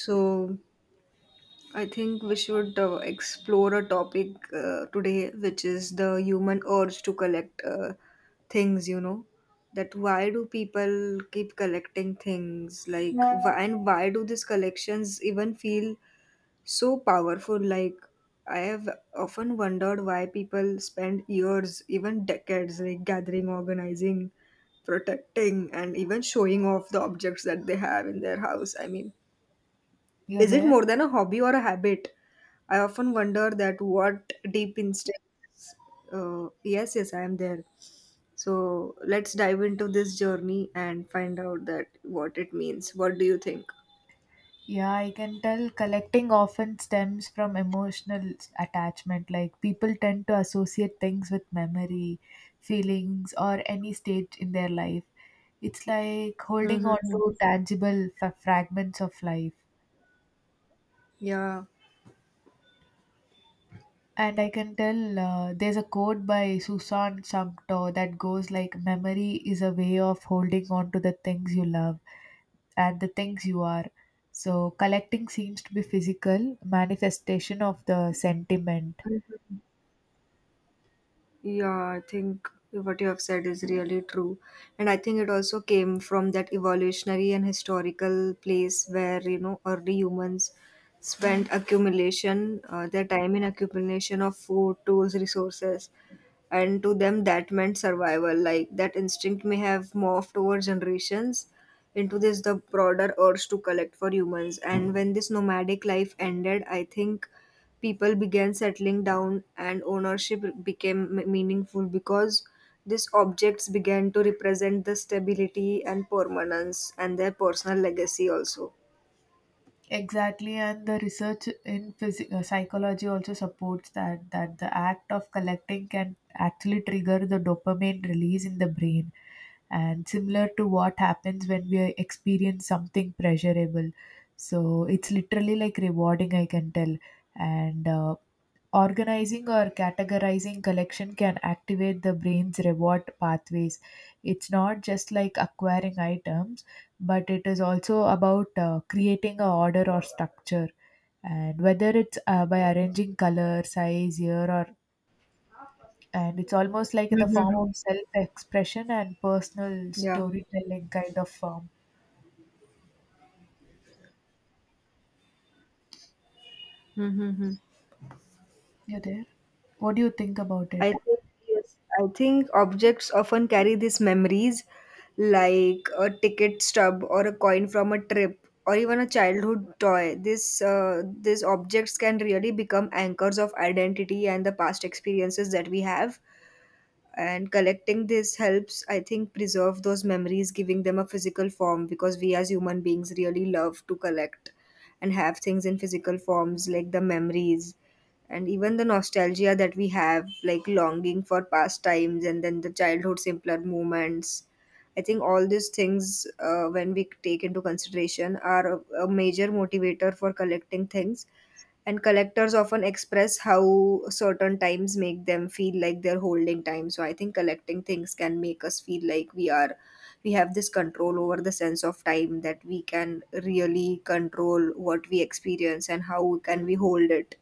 So, I think we should explore a topic today, which is the human urge to collect things. That why do people keep collecting things? Like, and why do these collections even feel so powerful? Like, I have often wondered why people spend years, even decades, like gathering, organizing, protecting, and even showing off the objects that they have in their house. I mean, You're is it there? more than a hobby or a habit? I often wonder that what deep instincts. Yes, yes, I am there. So let's dive into this journey and find out that what it means. What do you think? Yeah, I can tell collecting often stems from emotional attachment. Like, people tend to associate things with memory, feelings, or any stage in their life. It's like holding on Mm-hmm. to tangible fragments of life. Yeah. And I can tell there's a quote by Susan Sumter that goes like, Memory is a way of holding on to the things you love and the things you are. So, collecting seems to be physical manifestation of the sentiment. Yeah, I think what you have said is really true. And I think it also came from that evolutionary and historical place where, early humans spent Mm, accumulation, their time in accumulation of food, tools, resources, and to them that meant survival, like that instinct may have morphed over generations into this the broader urge to collect for humans. And when this nomadic life ended, I think people began settling down and ownership became meaningful because these objects began to represent the stability and permanence and their personal legacy also. exactly, and the research in psychology also supports that the act of collecting can actually trigger the dopamine release in the brain and similar to what happens when we experience something pleasurable. So it's literally like rewarding, I can tell. And Organizing or categorizing collection can activate the brain's reward pathways. It's not just like acquiring items, but it is also about creating a order or structure. And whether it's by arranging color, size, year, or and it's almost like in the form of Mm-hmm. self-expression and personal Yeah. storytelling kind of form. Mm-hmm. You there? What do you think about I it? think, yes, I think objects often carry these memories, like a ticket stub or a coin from a trip, or even a childhood toy. This These objects can really become anchors of identity and the past experiences that we have, and collecting this helps, I think, preserve those memories, giving them a physical form, because we as human beings really love to collect and have things in physical forms, like the memories and even the nostalgia that we have, like longing for past times and then the childhood simpler moments. I think all these things, when we take into consideration, are a major motivator for collecting things. And collectors often express how certain times make them feel like they're holding time. So I think collecting things can make us feel like we have this control over the sense of time, that we can really control what we experience and how can we hold it.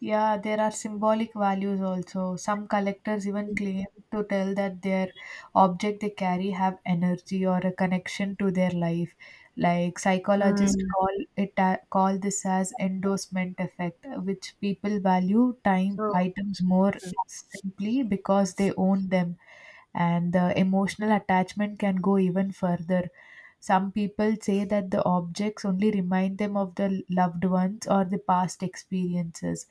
Yeah, there are symbolic values also. Some collectors even claim to tell that their object they carry have energy or a connection to their life. Like, psychologists Mm. Call this as endorsement effect, which people value time so items more simply because they own them, and the emotional attachment can go even further. Some people say that the objects only remind them of the loved ones or the past experiences.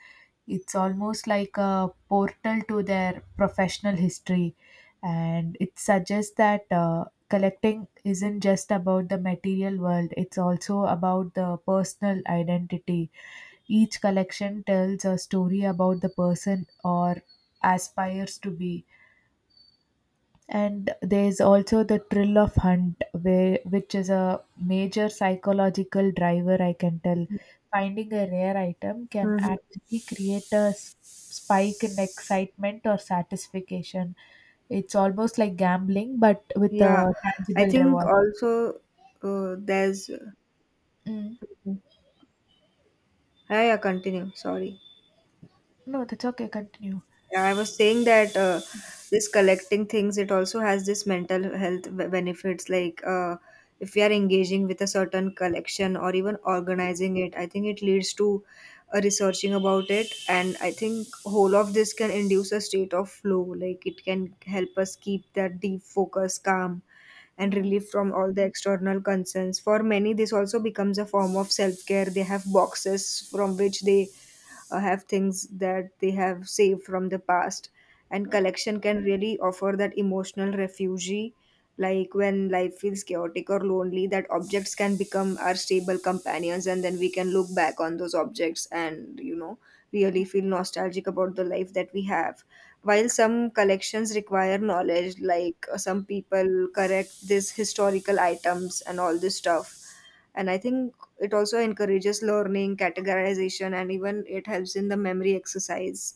It's almost like a portal to their professional history, and it suggests that collecting isn't just about the material world, it's also about the personal identity. Each collection tells a story about the person or aspires to be. And there's also the thrill of hunt where, which is a major psychological driver, I can tell. Finding a rare item can mhm. actually create a spike in excitement or satisfaction. It's almost like gambling but with a Yeah. I tangible think reward. also there's Mm. Yeah, yeah, continue. Sorry. No, that's okay, continue. Yeah, I was saying that, this collecting things, it also has this mental health benefits. Like, if we are engaging with a certain collection or even organizing it, I think it leads to researching about it. And I think whole of this can induce a state of flow. Like it can help us keep that deep focus, calm, and relief from all the external concerns. For many, this also becomes a form of self care. They have boxes from which they have things that they have saved from the past, and collection can really offer that emotional refuge, like when life feels chaotic or lonely, that objects can become our stable companions. And then we can look back on those objects and really feel nostalgic about the life that we have. While some collections require knowledge, like some people correct this historical items and all this stuff, and I think it also encourages learning, categorization, and even it helps in the memory exercise.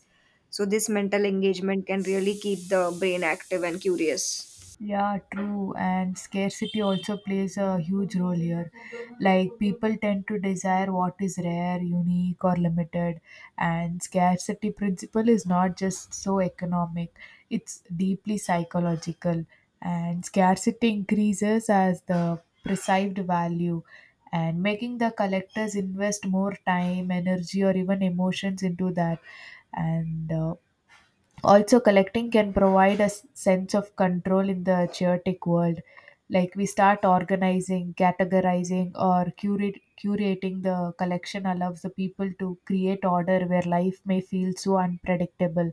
So, this mental engagement can really keep the brain active and curious. Yeah, true. And scarcity also plays a huge role here. Like, people tend to desire what is rare, unique, or limited. And scarcity principle is not just so economic, it's deeply psychological. And scarcity increases as the perceived value and making the collectors invest more time, energy, or even emotions into that. And also collecting can provide a sense of control in the chaotic world. Like, we start organizing, categorizing, or curating the collection allows the people to create order where life may feel so unpredictable.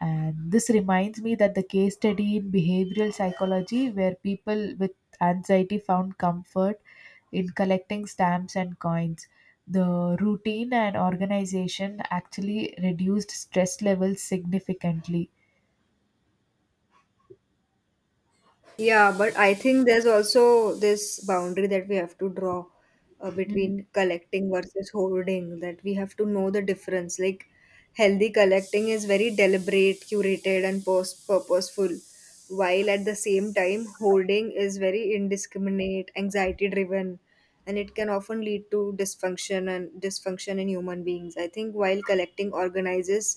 And this reminds me that the case study in behavioral psychology where people with anxiety found comfort in collecting stamps and coins, the routine and organization actually reduced stress levels significantly. Yeah, but I think there's also this boundary that we have to draw between collecting versus hoarding, that we have to know the difference. Like, healthy collecting is very deliberate, curated, and purposeful, while at the same time, hoarding is very indiscriminate, anxiety driven, and it can often lead to dysfunction and dysfunction in human beings. I think, while collecting organizes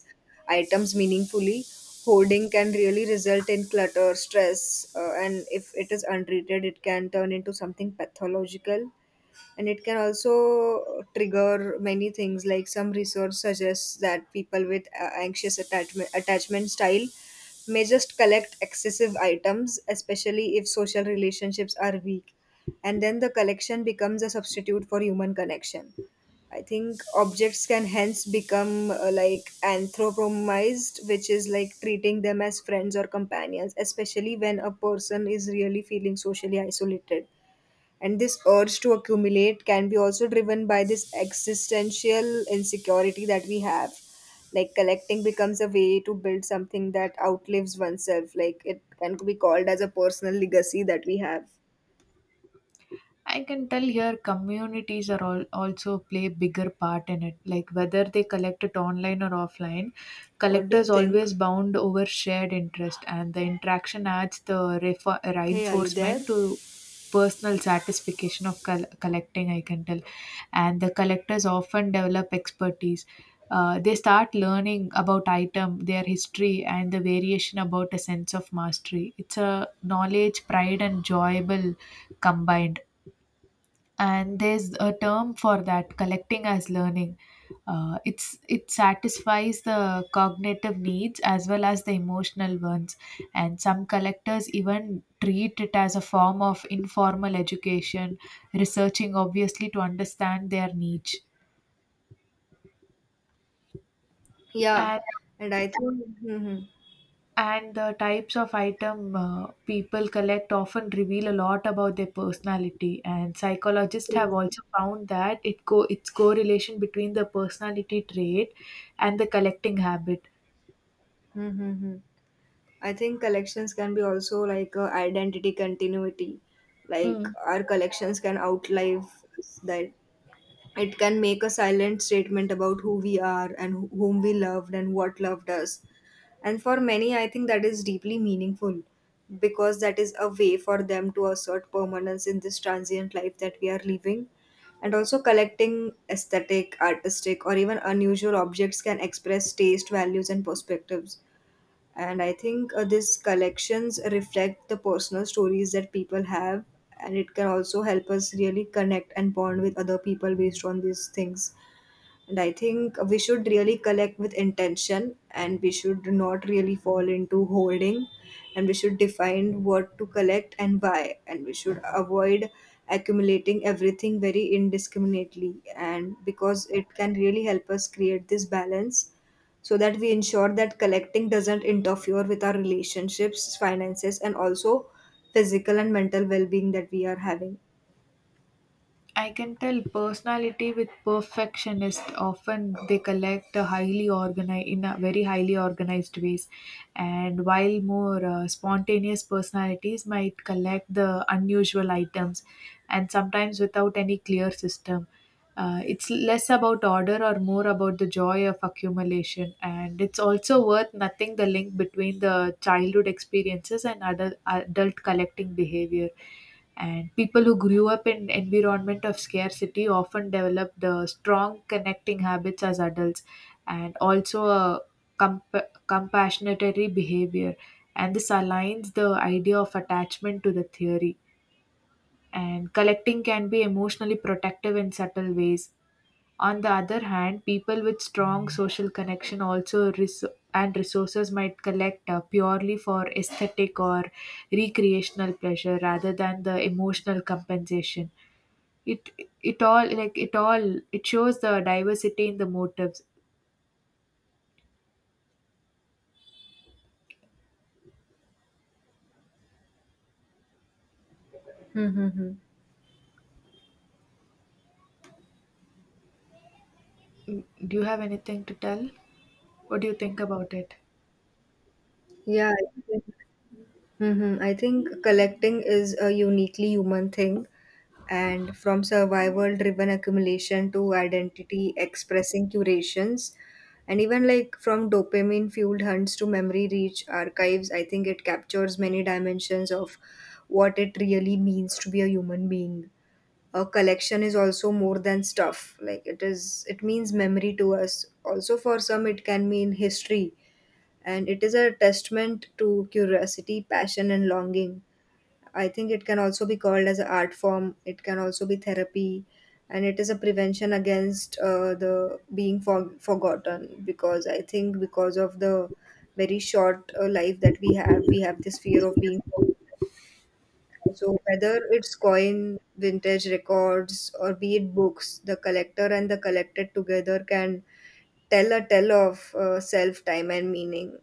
items meaningfully, hoarding can really result in clutter stress. And if it is untreated, it can turn into something pathological, and it can also trigger many things. Like some research suggests that people with anxious attachment style may just collect excessive items, especially if social relationships are weak, and then the collection becomes a substitute for human connection. I think objects can hence become, like, anthropomized, which is like treating them as friends or companions, especially when a person is really feeling socially isolated. And this urge to accumulate can be also driven by this existential insecurity that we have. Like collecting becomes a way to build something that outlives oneself. Like it can be called as a personal legacy that we have. I can tell here communities are all also play bigger part in it. Like, whether they collect it online or offline, What do you collectors think? always bound over shared interest, and the interaction adds the Hey, are you there? reinforcement to personal satisfaction of collecting. I can tell, and the collectors often develop expertise. They start learning about item, their history, and the variation about a sense of mastery. It's a knowledge, pride, and enjoyable combined. And there's a term for that collecting as learning. It satisfies the cognitive needs as well as the emotional ones. And some collectors even treat it as a form of informal education, researching obviously to understand their niche. Yeah, and and And the types of item people collect often reveal a lot about their personality. And psychologists have also found that its correlation between the personality trait and the collecting habit. hmm I think collections can be also like a identity continuity. Like Mm. our collections can outlive us, that it can make a silent statement about who we are and whom we loved and what loved us. And for many, I think that is deeply meaningful because that is a way for them to assert permanence in this transient life that we are living. And also, collecting aesthetic, artistic, or even unusual objects can express taste, values, and perspectives. And I think, these collections reflect the personal stories that people have, and it can also help us really connect and bond with other people based on these things. And I think we should really collect with intention and we should not really fall into holding, and we should define what to collect and why, and we should avoid accumulating everything very indiscriminately, and because it can really help us create this balance so that we ensure that collecting doesn't interfere with our relationships, finances, and also physical and mental well being that we are having. I can tell personality with perfectionist often they collect a highly organized in a very highly organized ways, and while more spontaneous personalities might collect the unusual items, and sometimes without any clear system. It's less about order or more about the joy of accumulation, and it's also worth nothing the link between the childhood experiences and adult collecting behavior. And people who grew up in environment of scarcity often develop the strong connecting habits as adults, and also a comp- compassionatory behavior. And this aligns the idea of attachment to the theory, and collecting can be emotionally protective in subtle ways. On the other hand, people with strong social connection also res- and resources might collect purely for aesthetic or recreational pleasure rather than the emotional compensation. It it all like it all it shows the diversity in the motives. Mm-hmm. Mm, do you have anything to tell? What do you think about it? Yeah, I think. Mm-hmm. I think collecting is a uniquely human thing, and from survival driven accumulation to identity expressing curations, and even like from dopamine fueled hunts to memory rich archives, I think it captures many dimensions of what it really means to be a human being. A collection is also more than stuff, like it means memory to us. Also, for some, it can mean history, and it is a testament to curiosity, passion, and longing. I think it can also be called as an art form. It can also be therapy, and it is a prevention against the being forgotten. Because I think because of the very short life that we have this fear of being forgotten. So whether it's coin, vintage records, or be it books, the collector and the collected together can tell a tale of self, time, and meaning.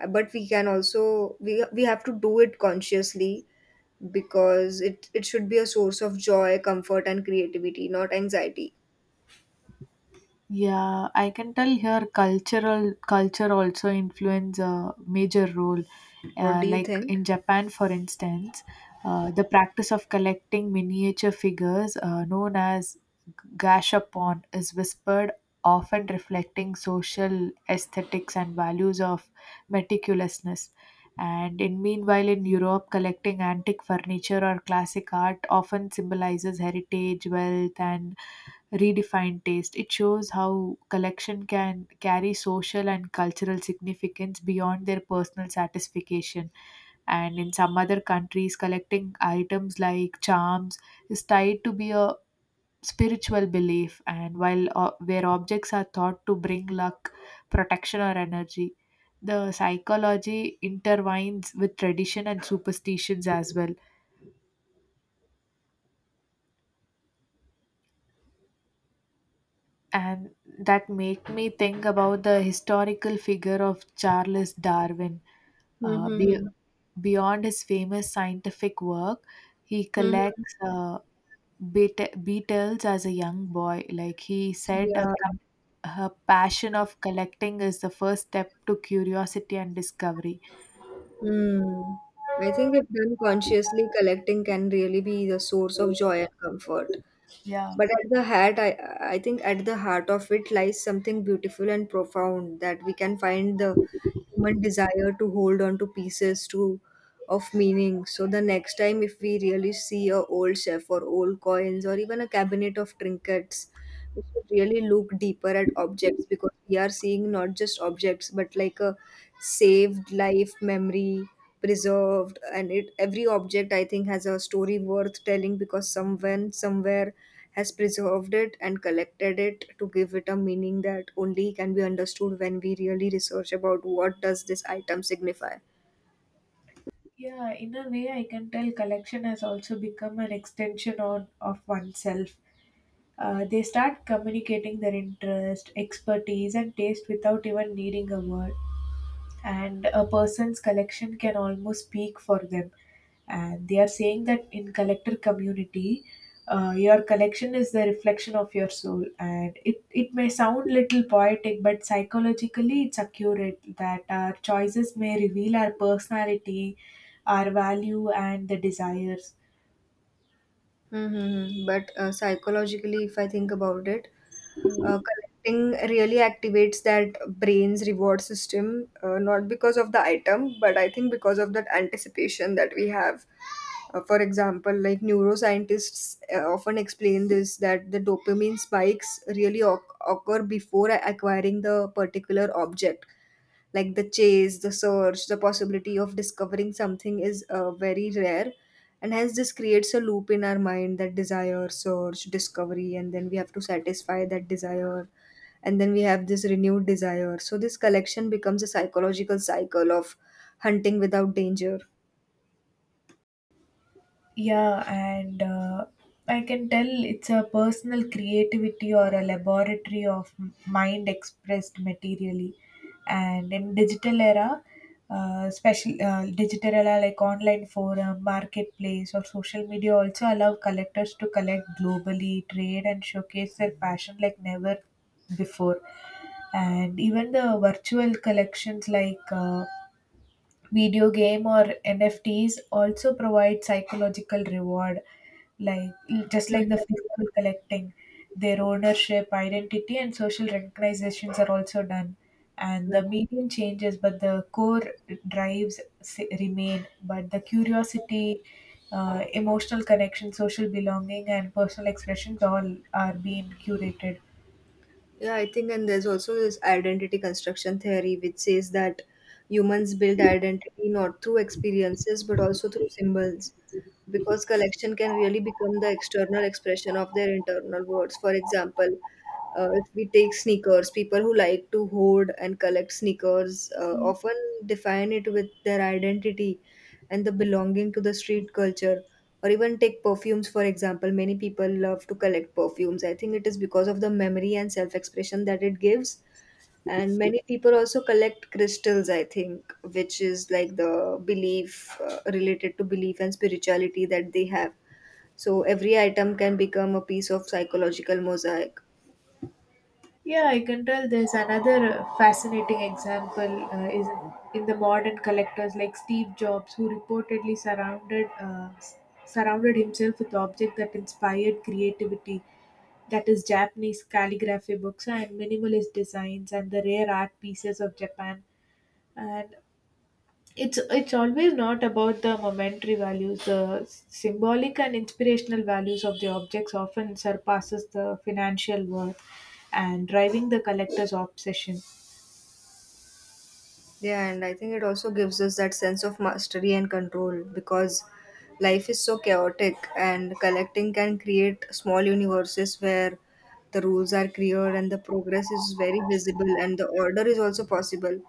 But we can also we have to do it consciously, because it should be a source of joy, comfort, and creativity, not anxiety. Yeah, I can tell here cultural culture also influence a major role. What do you Like think? in Japan, for instance, the practice of collecting miniature figures, known as gashapon, is whispered, often reflecting social aesthetics and values of meticulousness. And in meanwhile, in Europe, collecting antique furniture or classic art often symbolizes heritage, wealth, and redefined taste. It shows how collection can carry social and cultural significance beyond their personal satisfaction. And in some other countries, collecting items like charms is tied to be a spiritual belief, and while where objects are thought to bring luck, protection, or energy, the psychology intertwines with tradition and superstitions as well. And that made me think about the historical figure of Charles Darwin. Uh, be- Mm-hmm. Beyond his famous scientific work, he Mm-hmm. collects beetles as a young boy. Like, he said, Yeah. Her passion of collecting is the first step to curiosity and discovery. Hmm. I think if done consciously, collecting can really be the source of joy and comfort. Yeah. But at the heart, I think at the heart of it lies something beautiful and profound, that we can find the human desire to hold on to pieces to of meaning. So the next time, if we really see a old chef or old coins or even a cabinet of trinkets, we should really look deeper at objects, because we are seeing not just objects but like a saved life memory preserved. And it every object, I think, has a story worth telling, because someone somewhere has preserved it and collected it to give it a meaning that only can be understood when we really research about what does this item signify. Yeah, in a way, I can tell collection has also become an extension of oneself. They start communicating their interest, expertise, and taste without even needing a word. And a person's collection can almost speak for them. And they are saying that in collector community, your collection is the reflection of your soul. And it may sound little poetic, but psychologically it's accurate that our choices may reveal our personality, our value, and the desires. Mm-hmm. But psychologically, if I think about it, collecting really activates that brain's reward system, not because of the item, but I think because of that anticipation that we have. For example, like neuroscientists often explain this that the dopamine spikes really occur before acquiring the particular object, like the chase, the search, the possibility of discovering something is very rare. And hence, this creates a loop in our mind, that desire, search, discovery, and then we have to satisfy that desire. And then we have this renewed desire. So, this collection becomes a psychological cycle of hunting without danger. Yeah, and I can tell it's a personal creativity or a laboratory of mind expressed materially. And in digital era, especially digital era like online forum, marketplace, or social media also allow collectors to collect globally, trade, and showcase their passion like never before. And even the virtual collections like video game or NFTs also provide psychological reward, like just like the Mhm. physical collecting, their ownership, identity, and social recognizations are also done. And the medium changes, but the core remain. But the curiosity, emotional connection, social belonging, and personal expressions all are being curated. Yeah, I think, and there's also this identity construction theory, which says that humans build identity not through experiences but also through symbols, because collection can really become the external expression of their internal words. For example, if we take sneakers, people who like to hoard and collect sneakers often define it with their identity and the belonging to the street culture. Or even take perfumes, for example, many people love to collect perfumes. I think it is because of the memory and self expression that it gives. And many people also collect crystals, I think, which is like the belief, related to belief and spirituality that they have. So every item can become a piece of psychological mosaic. Yeah, I can tell there's another fascinating example is in the modern collectors like Steve Jobs, who reportedly surrounded himself with objects that inspired creativity, that is Japanese calligraphy books and minimalist designs and the rare art pieces of Japan. And it's always not about the momentary values, the symbolic and inspirational values of the objects often surpasses the financial worth and driving the collector's obsession. Yeah, and I think it also gives us that sense of mastery and control because life is so chaotic, and collecting can create small universes where the rules are clear and the progress is very visible and the order is also possible.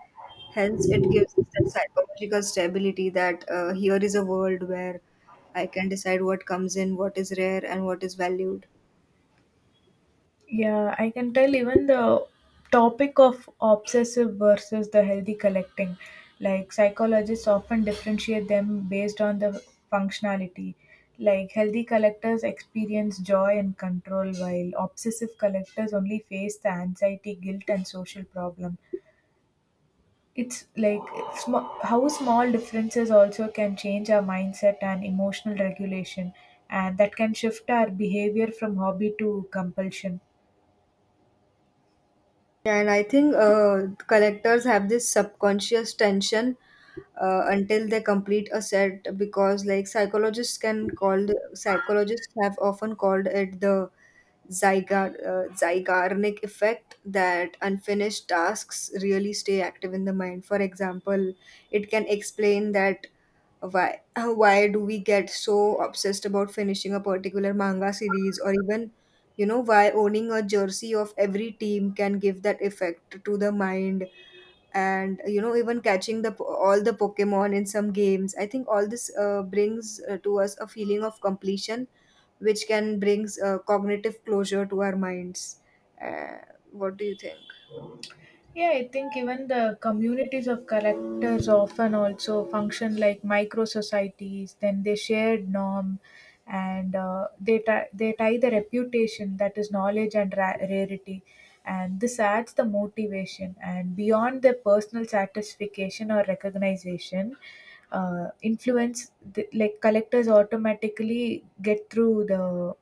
Hence, it gives us that psychological stability that, here is a world where I can decide what comes in, what is rare, and what is valued. Yeah, I can tell even the topic of obsessive versus the healthy collecting. Like, psychologists often differentiate them based on the functionality. Like, healthy collectors experience joy and control, while obsessive collectors only face the anxiety, guilt, and social problems. It's like how small differences also can change our mindset and emotional regulation, and that can shift our behavior from hobby to compulsion. Yeah, and I think collectors have this subconscious tension until they complete a set because, psychologists have often called it the zygarnic effect, that unfinished tasks really stay active in the mind. For example, it can explain that why why do we get so obsessed about finishing a particular manga series, or even, why owning a jersey of every team can give that effect to the mind. And, even catching the all the pokemon in some games, I think all this brings to us a feeling of completion, which can brings cognitive closure to our minds. uh, what do you think? Yeah, I think even the communities of collectors often also function like micro societies. Then they shared norm, and they tie the reputation that is knowledge and rarity, and this adds the motivation. And beyond their personal satisfaction or recognition, influence the, like collectors automatically get through the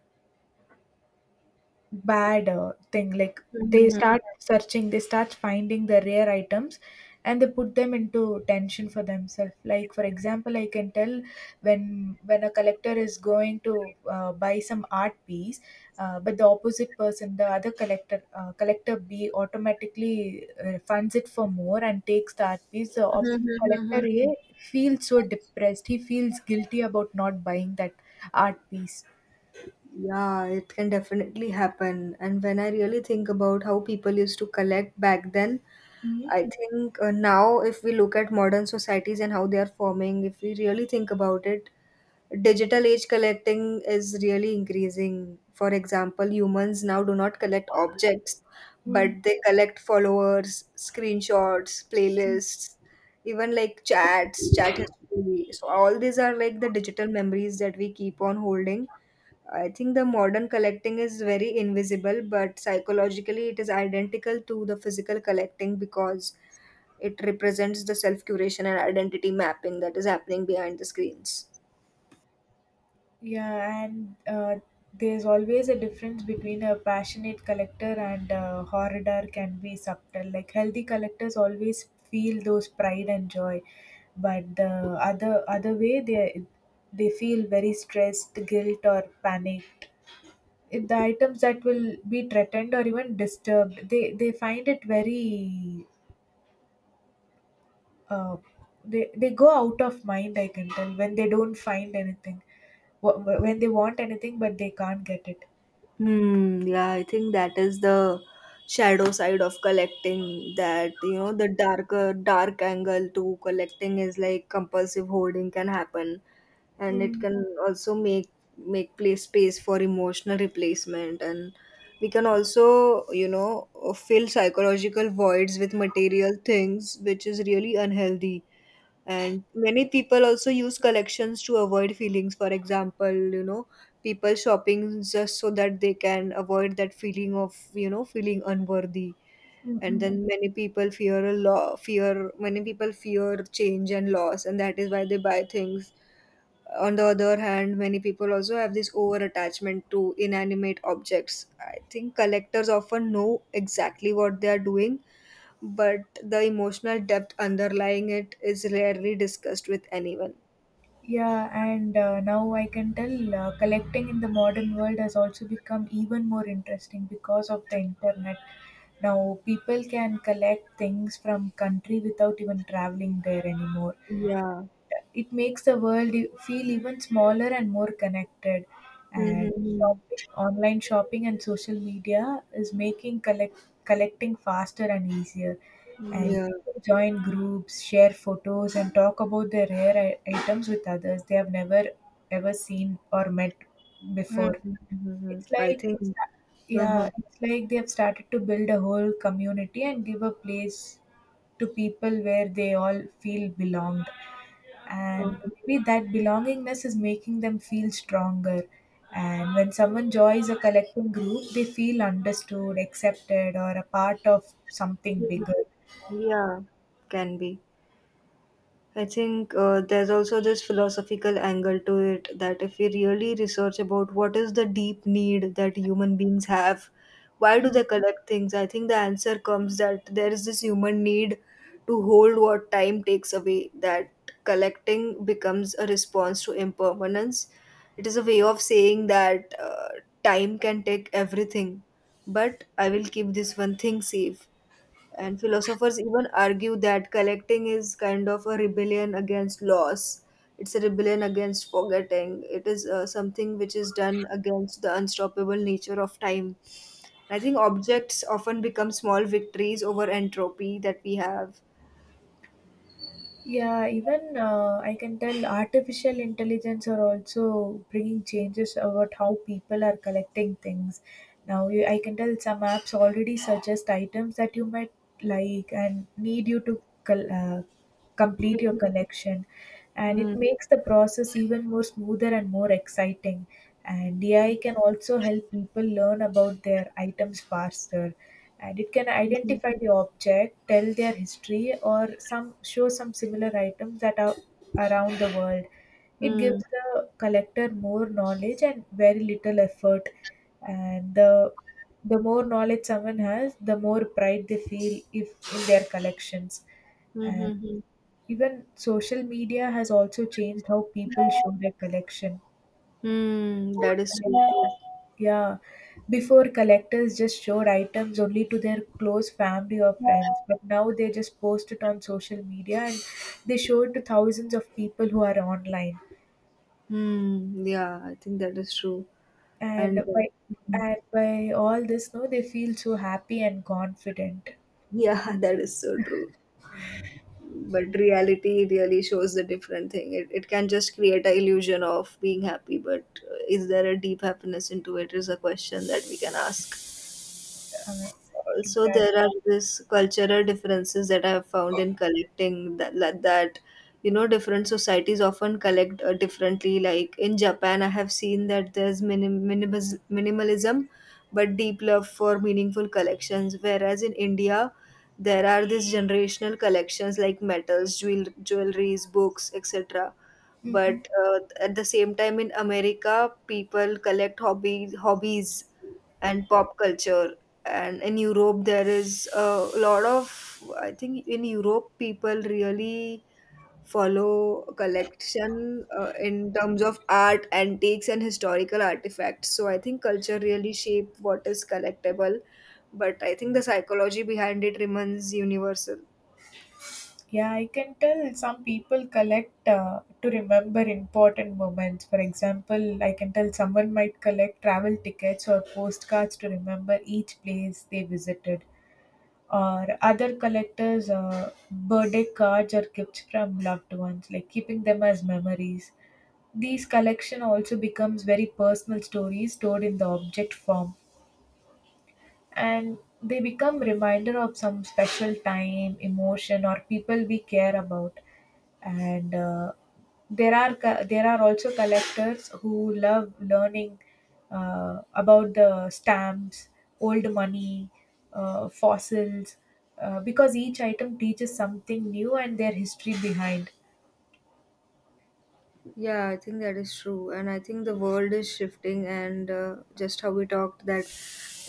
bad thing. Like, they start searching, they start finding the rare items and they put them into tension for themselves. Like, for example, I can tell when a collector is going to buy some art piece, but the opposite person the other collector, collector B automatically funds it for more and takes the art piece, the collector A feels so depressed, he feels guilty about not buying that art piece. Yeah, it can definitely happen. And when I really think about how people used to collect back then, I think, now, if we look at modern societies and how they are forming, if we really think about it, digital age collecting is really increasing. For example, humans now do not collect objects, but Mhm. they collect followers, screenshots, playlists, even like chats, chat history. So, all these are like the digital memories that we keep on holding. I think the modern collecting is very invisible, but psychologically it is identical to the physical collecting because it represents the self curation and identity mapping that is happening behind the screens. Yeah, and There's always a difference between a passionate collector and a hoarder can be subtle. Like, healthy collectors always feel those pride and joy, but the other way they feel very stressed, guilt or panic. It- the items that will be threatened or even disturbed, they find it very uh, they go out of mind. I can tell when they don't find anything, when they want anything but they can't get it. Hmm, yeah, I think that is the shadow side of collecting that, you know, the darker, dark angle to collecting is like compulsive hoarding can happen, and it Mm, can also make place space for emotional replacement. And we can also, you know, fill psychological voids with material things, which is really unhealthy. And many people also use collections to avoid feelings. For example, you know, people shopping just so that they can avoid that feeling of, you know, feeling unworthy. mm, And mm. then many people fear a law, fear, many people fear change and loss, and that is why they buy things. On the other hand, many people also have this over attachment to inanimate objects. I think collectors often know exactly what they are doing, but the emotional depth underlying it is rarely discussed with anyone. Yeah, and now I can tell collecting in the modern world has also become even more interesting because of the internet. Now, people can collect things from country without even traveling there anymore. Yeah. It makes the world feel even smaller and more connected, and Mm-hmm. Online shopping and social media is making collecting faster and easier, and Yeah. people join groups, share photos and talk about their rare items with others they have never ever seen or met before. Mm-hmm. It's I like they think. start, yeah, Uh-huh. it's like they have started to build a whole community and give a place to people where they all feel belonged. And Uh-huh. maybe that belongingness is making them feel stronger. And when someone joins a collective group, they feel understood, accepted, or a part of something Mhm. bigger. Yeah. Can be. I think there's also this philosophical angle to it that if we really research about what is the deep need that human beings have, why do Mm. they collect things? I think the answer comes that there is this human need to hold what time takes away, that collecting becomes a response to impermanence. It is a way of saying that, time can take everything, but I will keep this one thing safe. And philosophers even argue that collecting is kind of a rebellion against loss. It's a rebellion against forgetting. It is, something which is done against the unstoppable nature of time. I think objects often become small victories over entropy that we have. Yeah, even I can tell artificial intelligence are also bringing changes about how people are collecting things. Now, I can tell some apps already suggest items that you might like and need you to complete your Hmm. collection, and it Hmm. makes the process even more smoother and more exciting. And AI can also help people learn about their items faster, and it can identify the object, tell their history, or some show some similar items that are around the world. Hmm. It Hmm. gives the collector more knowledge and very little effort, and the more knowledge someone has, the more pride they feel if in their collections. Hmm. And Hmm. even social media has also changed how people show their collection. Hmm. That is true. Yeah, before collectors just showed items only to their close family or friends, but now they just post it on social media and they show it to thousands of people who are online. Hmm. Yeah, I think that is true. And And by and by all this, no, they feel so happy and confident. Yeah, that is so true. But reality really shows a different thing. It can just create a illusion of being happy, but is there a deep happiness into it, is a question that we can ask. Uh, Also, exactly. there are these cultural differences that I have found in collecting, that, like, that you know different societies often collect differently. Like in Japan, I have seen that there's minimalism but deep love for meaningful collections, whereas in India there are these generational collections like metals, jewelries, books, etc. Mm-mm. But at the same time, in America people collect hobbies and pop culture. And in Europe, there is a lot of, I think in Europe, people really follow a collection in terms of art, antiques, and historical artifacts. So I think culture really shape what is collectible, but I think the psychology behind it remains universal. Yeah, I can tell some people collect to remember important moments. For example, I can tell someone might collect travel tickets or postcards to remember each place they visited, or other collectors' birthday cards or gifts from loved ones, like keeping them as memories. These collection also becomes very personal stories stored in the object form, and they become reminder of some special time, emotion or people we care about. And there are also collectors who love learning about the stamps, old money, fossils, because each item teaches something new and their history behind. Yeah, I think that is true. And I think the world is shifting, and, just how we talked that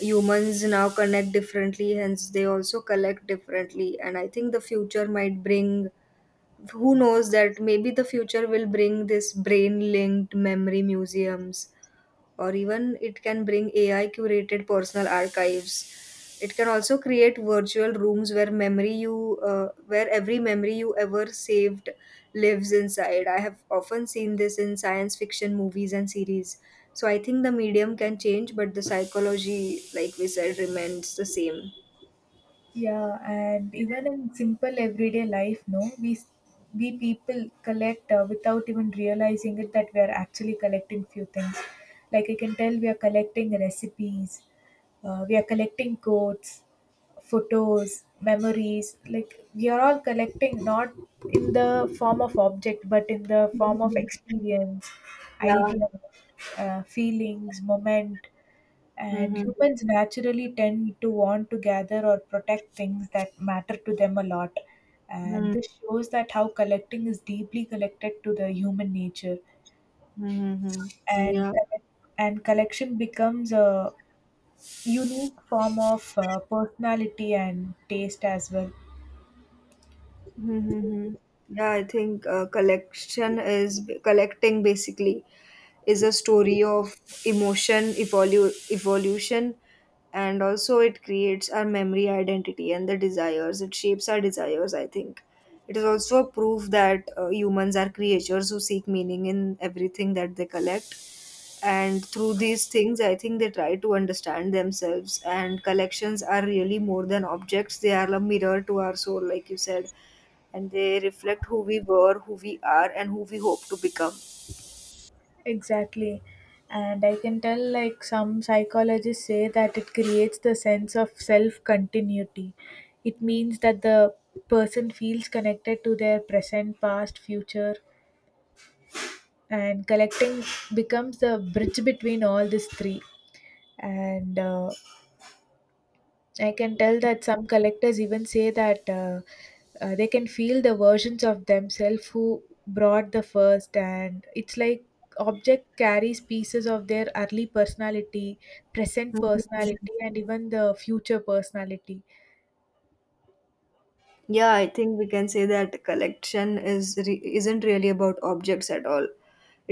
humans now connect differently, hence, they also collect differently. And I think the future might bring, who knows, that maybe the future will bring this brain linked memory museums, or even it can bring AI curated personal archives. It can also create virtual rooms where memory you where every memory you ever saved lives inside. I have often seen this in science fiction movies and series. So I think the medium can change, but the psychology, like we said, remains the same. Yeah, and even in simple everyday life, no, we people collect without even realizing it that we are actually collecting few things. Like I can tell, we are collecting recipes, we are collecting quotes, photos, memories. Like we are all collecting not in the form of object, but in the form of Mhm. experience, Yeah. idea, feelings, moment. And Mm-hmm. humans naturally tend to want to gather or protect things that matter to them a lot. And this shows that how collecting is deeply connected to the human nature. Mm-hmm. And, Yeah. collec- and collection becomes a unique form of personality and taste as well. Mm-hmm. Yeah, I think collection is collecting basically is a story of emotion, evolution, and also it creates our memory, identity, and the desires. It shapes our desires. I think it is also a proof that humans are creatures who seek meaning in everything that they collect, and through these things, I think they try to understand themselves. And collections are really more than objects. They are a mirror to our soul, like you said, and they reflect who we were, who we are, and who we hope to become. Exactly. And I can tell, like, some psychologists say that it creates the sense of self continuity. It means that the person feels connected to their present, past, future, and collecting becomes the bridge between all these three. And I can tell that some collectors even say that they can feel the versions of themselves who brought the first, and it's like object carries pieces of their early personality, present Mhm. personality, and even the future personality. Yeah, I think we can say that isn't really about objects at all.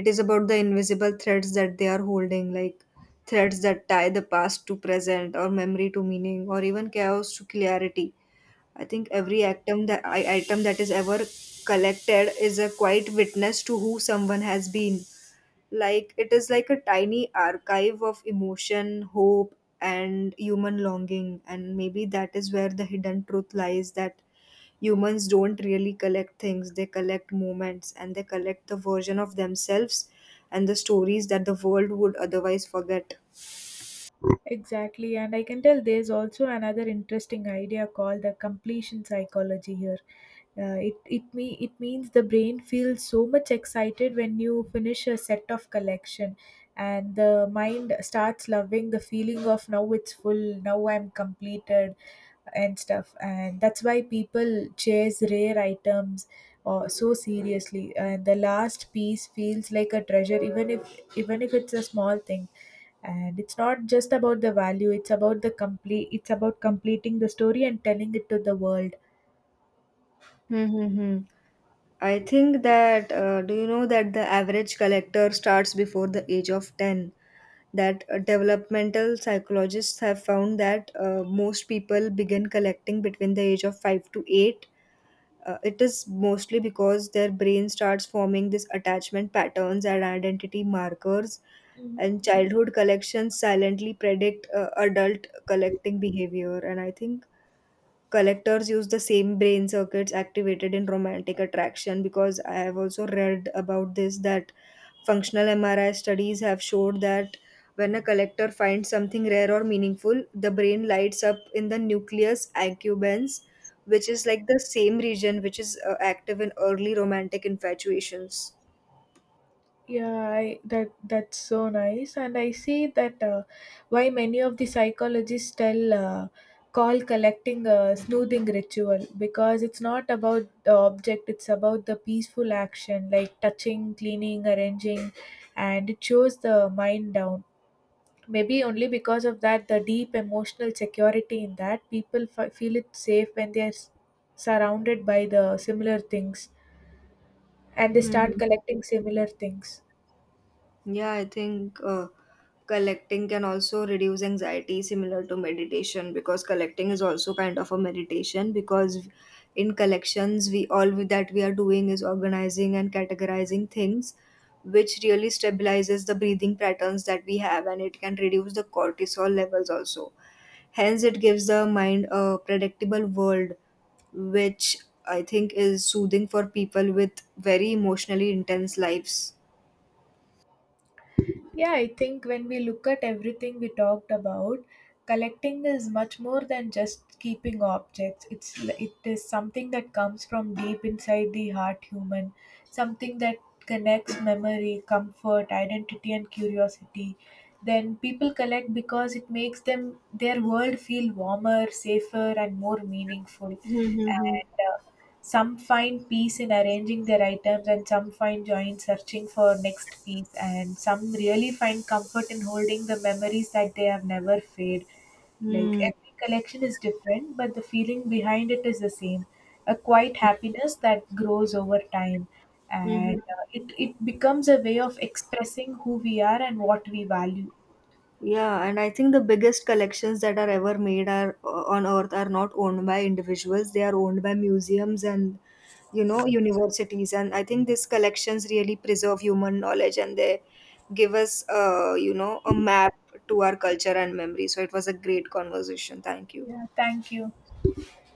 It is about the invisible threads that they are holding, like threads that tie the past to present, or memory to meaning, or even chaos to clarity. I think every item that is ever collected is a quiet witness to who someone has been. Like it is like a tiny archive of emotion, hope, and human longing. And maybe that is where the hidden truth lies, that humans don't really collect things; they collect moments, and they collect the version of themselves and the stories that the world would otherwise forget. Exactly, and I can tell there's also another interesting idea called the completion psychology here. It means the brain feels so much excited when you finish a set of collection, and the mind starts loving the feeling of now it's full, now I'm completed, and stuff. And that's why people chase rare items or so seriously. And the last piece feels like a treasure, even if it's a small thing, and it's not just about the value, it's about the complete it's about completing the story and telling it to the world. Hmm. Hmm, hmm. I think that, do you know that the average collector starts before the age of 10? That developmental psychologists have found that most people begin collecting between the age of 5 to 8. It is mostly because their brain starts forming these attachment patterns and identity markers, and childhood collections silently predict adult collecting behavior. And I think collectors use the same brain circuits activated in romantic attraction, because I have also read about this, that functional MRI studies have showed that when a collector finds something rare or meaningful, the brain lights up in the nucleus accumbens, which is like the same region which is active in early romantic infatuations. That that's so nice, and I see that why many of the psychologists tell call collecting a soothing ritual, because it's not about the object, it's about the peaceful action, like touching, cleaning, arranging, and it shows the mind down. Maybe only because of that, the deep emotional security in that, people feel it safe when they are surrounded by the similar things and they Hmm. start collecting similar things. Yeah, I think collecting can also reduce anxiety, similar to meditation, because collecting is also kind of a meditation. Because in collections, that we are doing is organizing and categorizing things, which really stabilizes the breathing patterns that we have, and it can reduce the cortisol levels also. Hence, it gives the mind a predictable world, which I think is soothing for people with very emotionally intense lives. Yeah, I think when we look at everything we talked about, collecting is much more than just keeping objects. It is something that comes from deep inside the heart human, something that connects memory, comfort, identity and curiosity. Then people collect because it makes them their world feel warmer, safer and more meaningful. Mm-hmm. And some find peace in arranging their items, and some find joy in searching for next piece, and some really find comfort in holding the memories that they have never fade. Like Mm, every collection is different, but the feeling behind it is the same, a quiet happiness that grows over time. And mhm. It becomes a way of expressing who we are and what we value. Yeah, and I think the biggest collections that are ever made are, on Earth, are not owned by individuals. They are owned by museums and, you know, universities. And I think these collections really preserve human knowledge and they give us, you know, a map to our culture and memory. So it was a great conversation. Thank you. Yeah, thank you.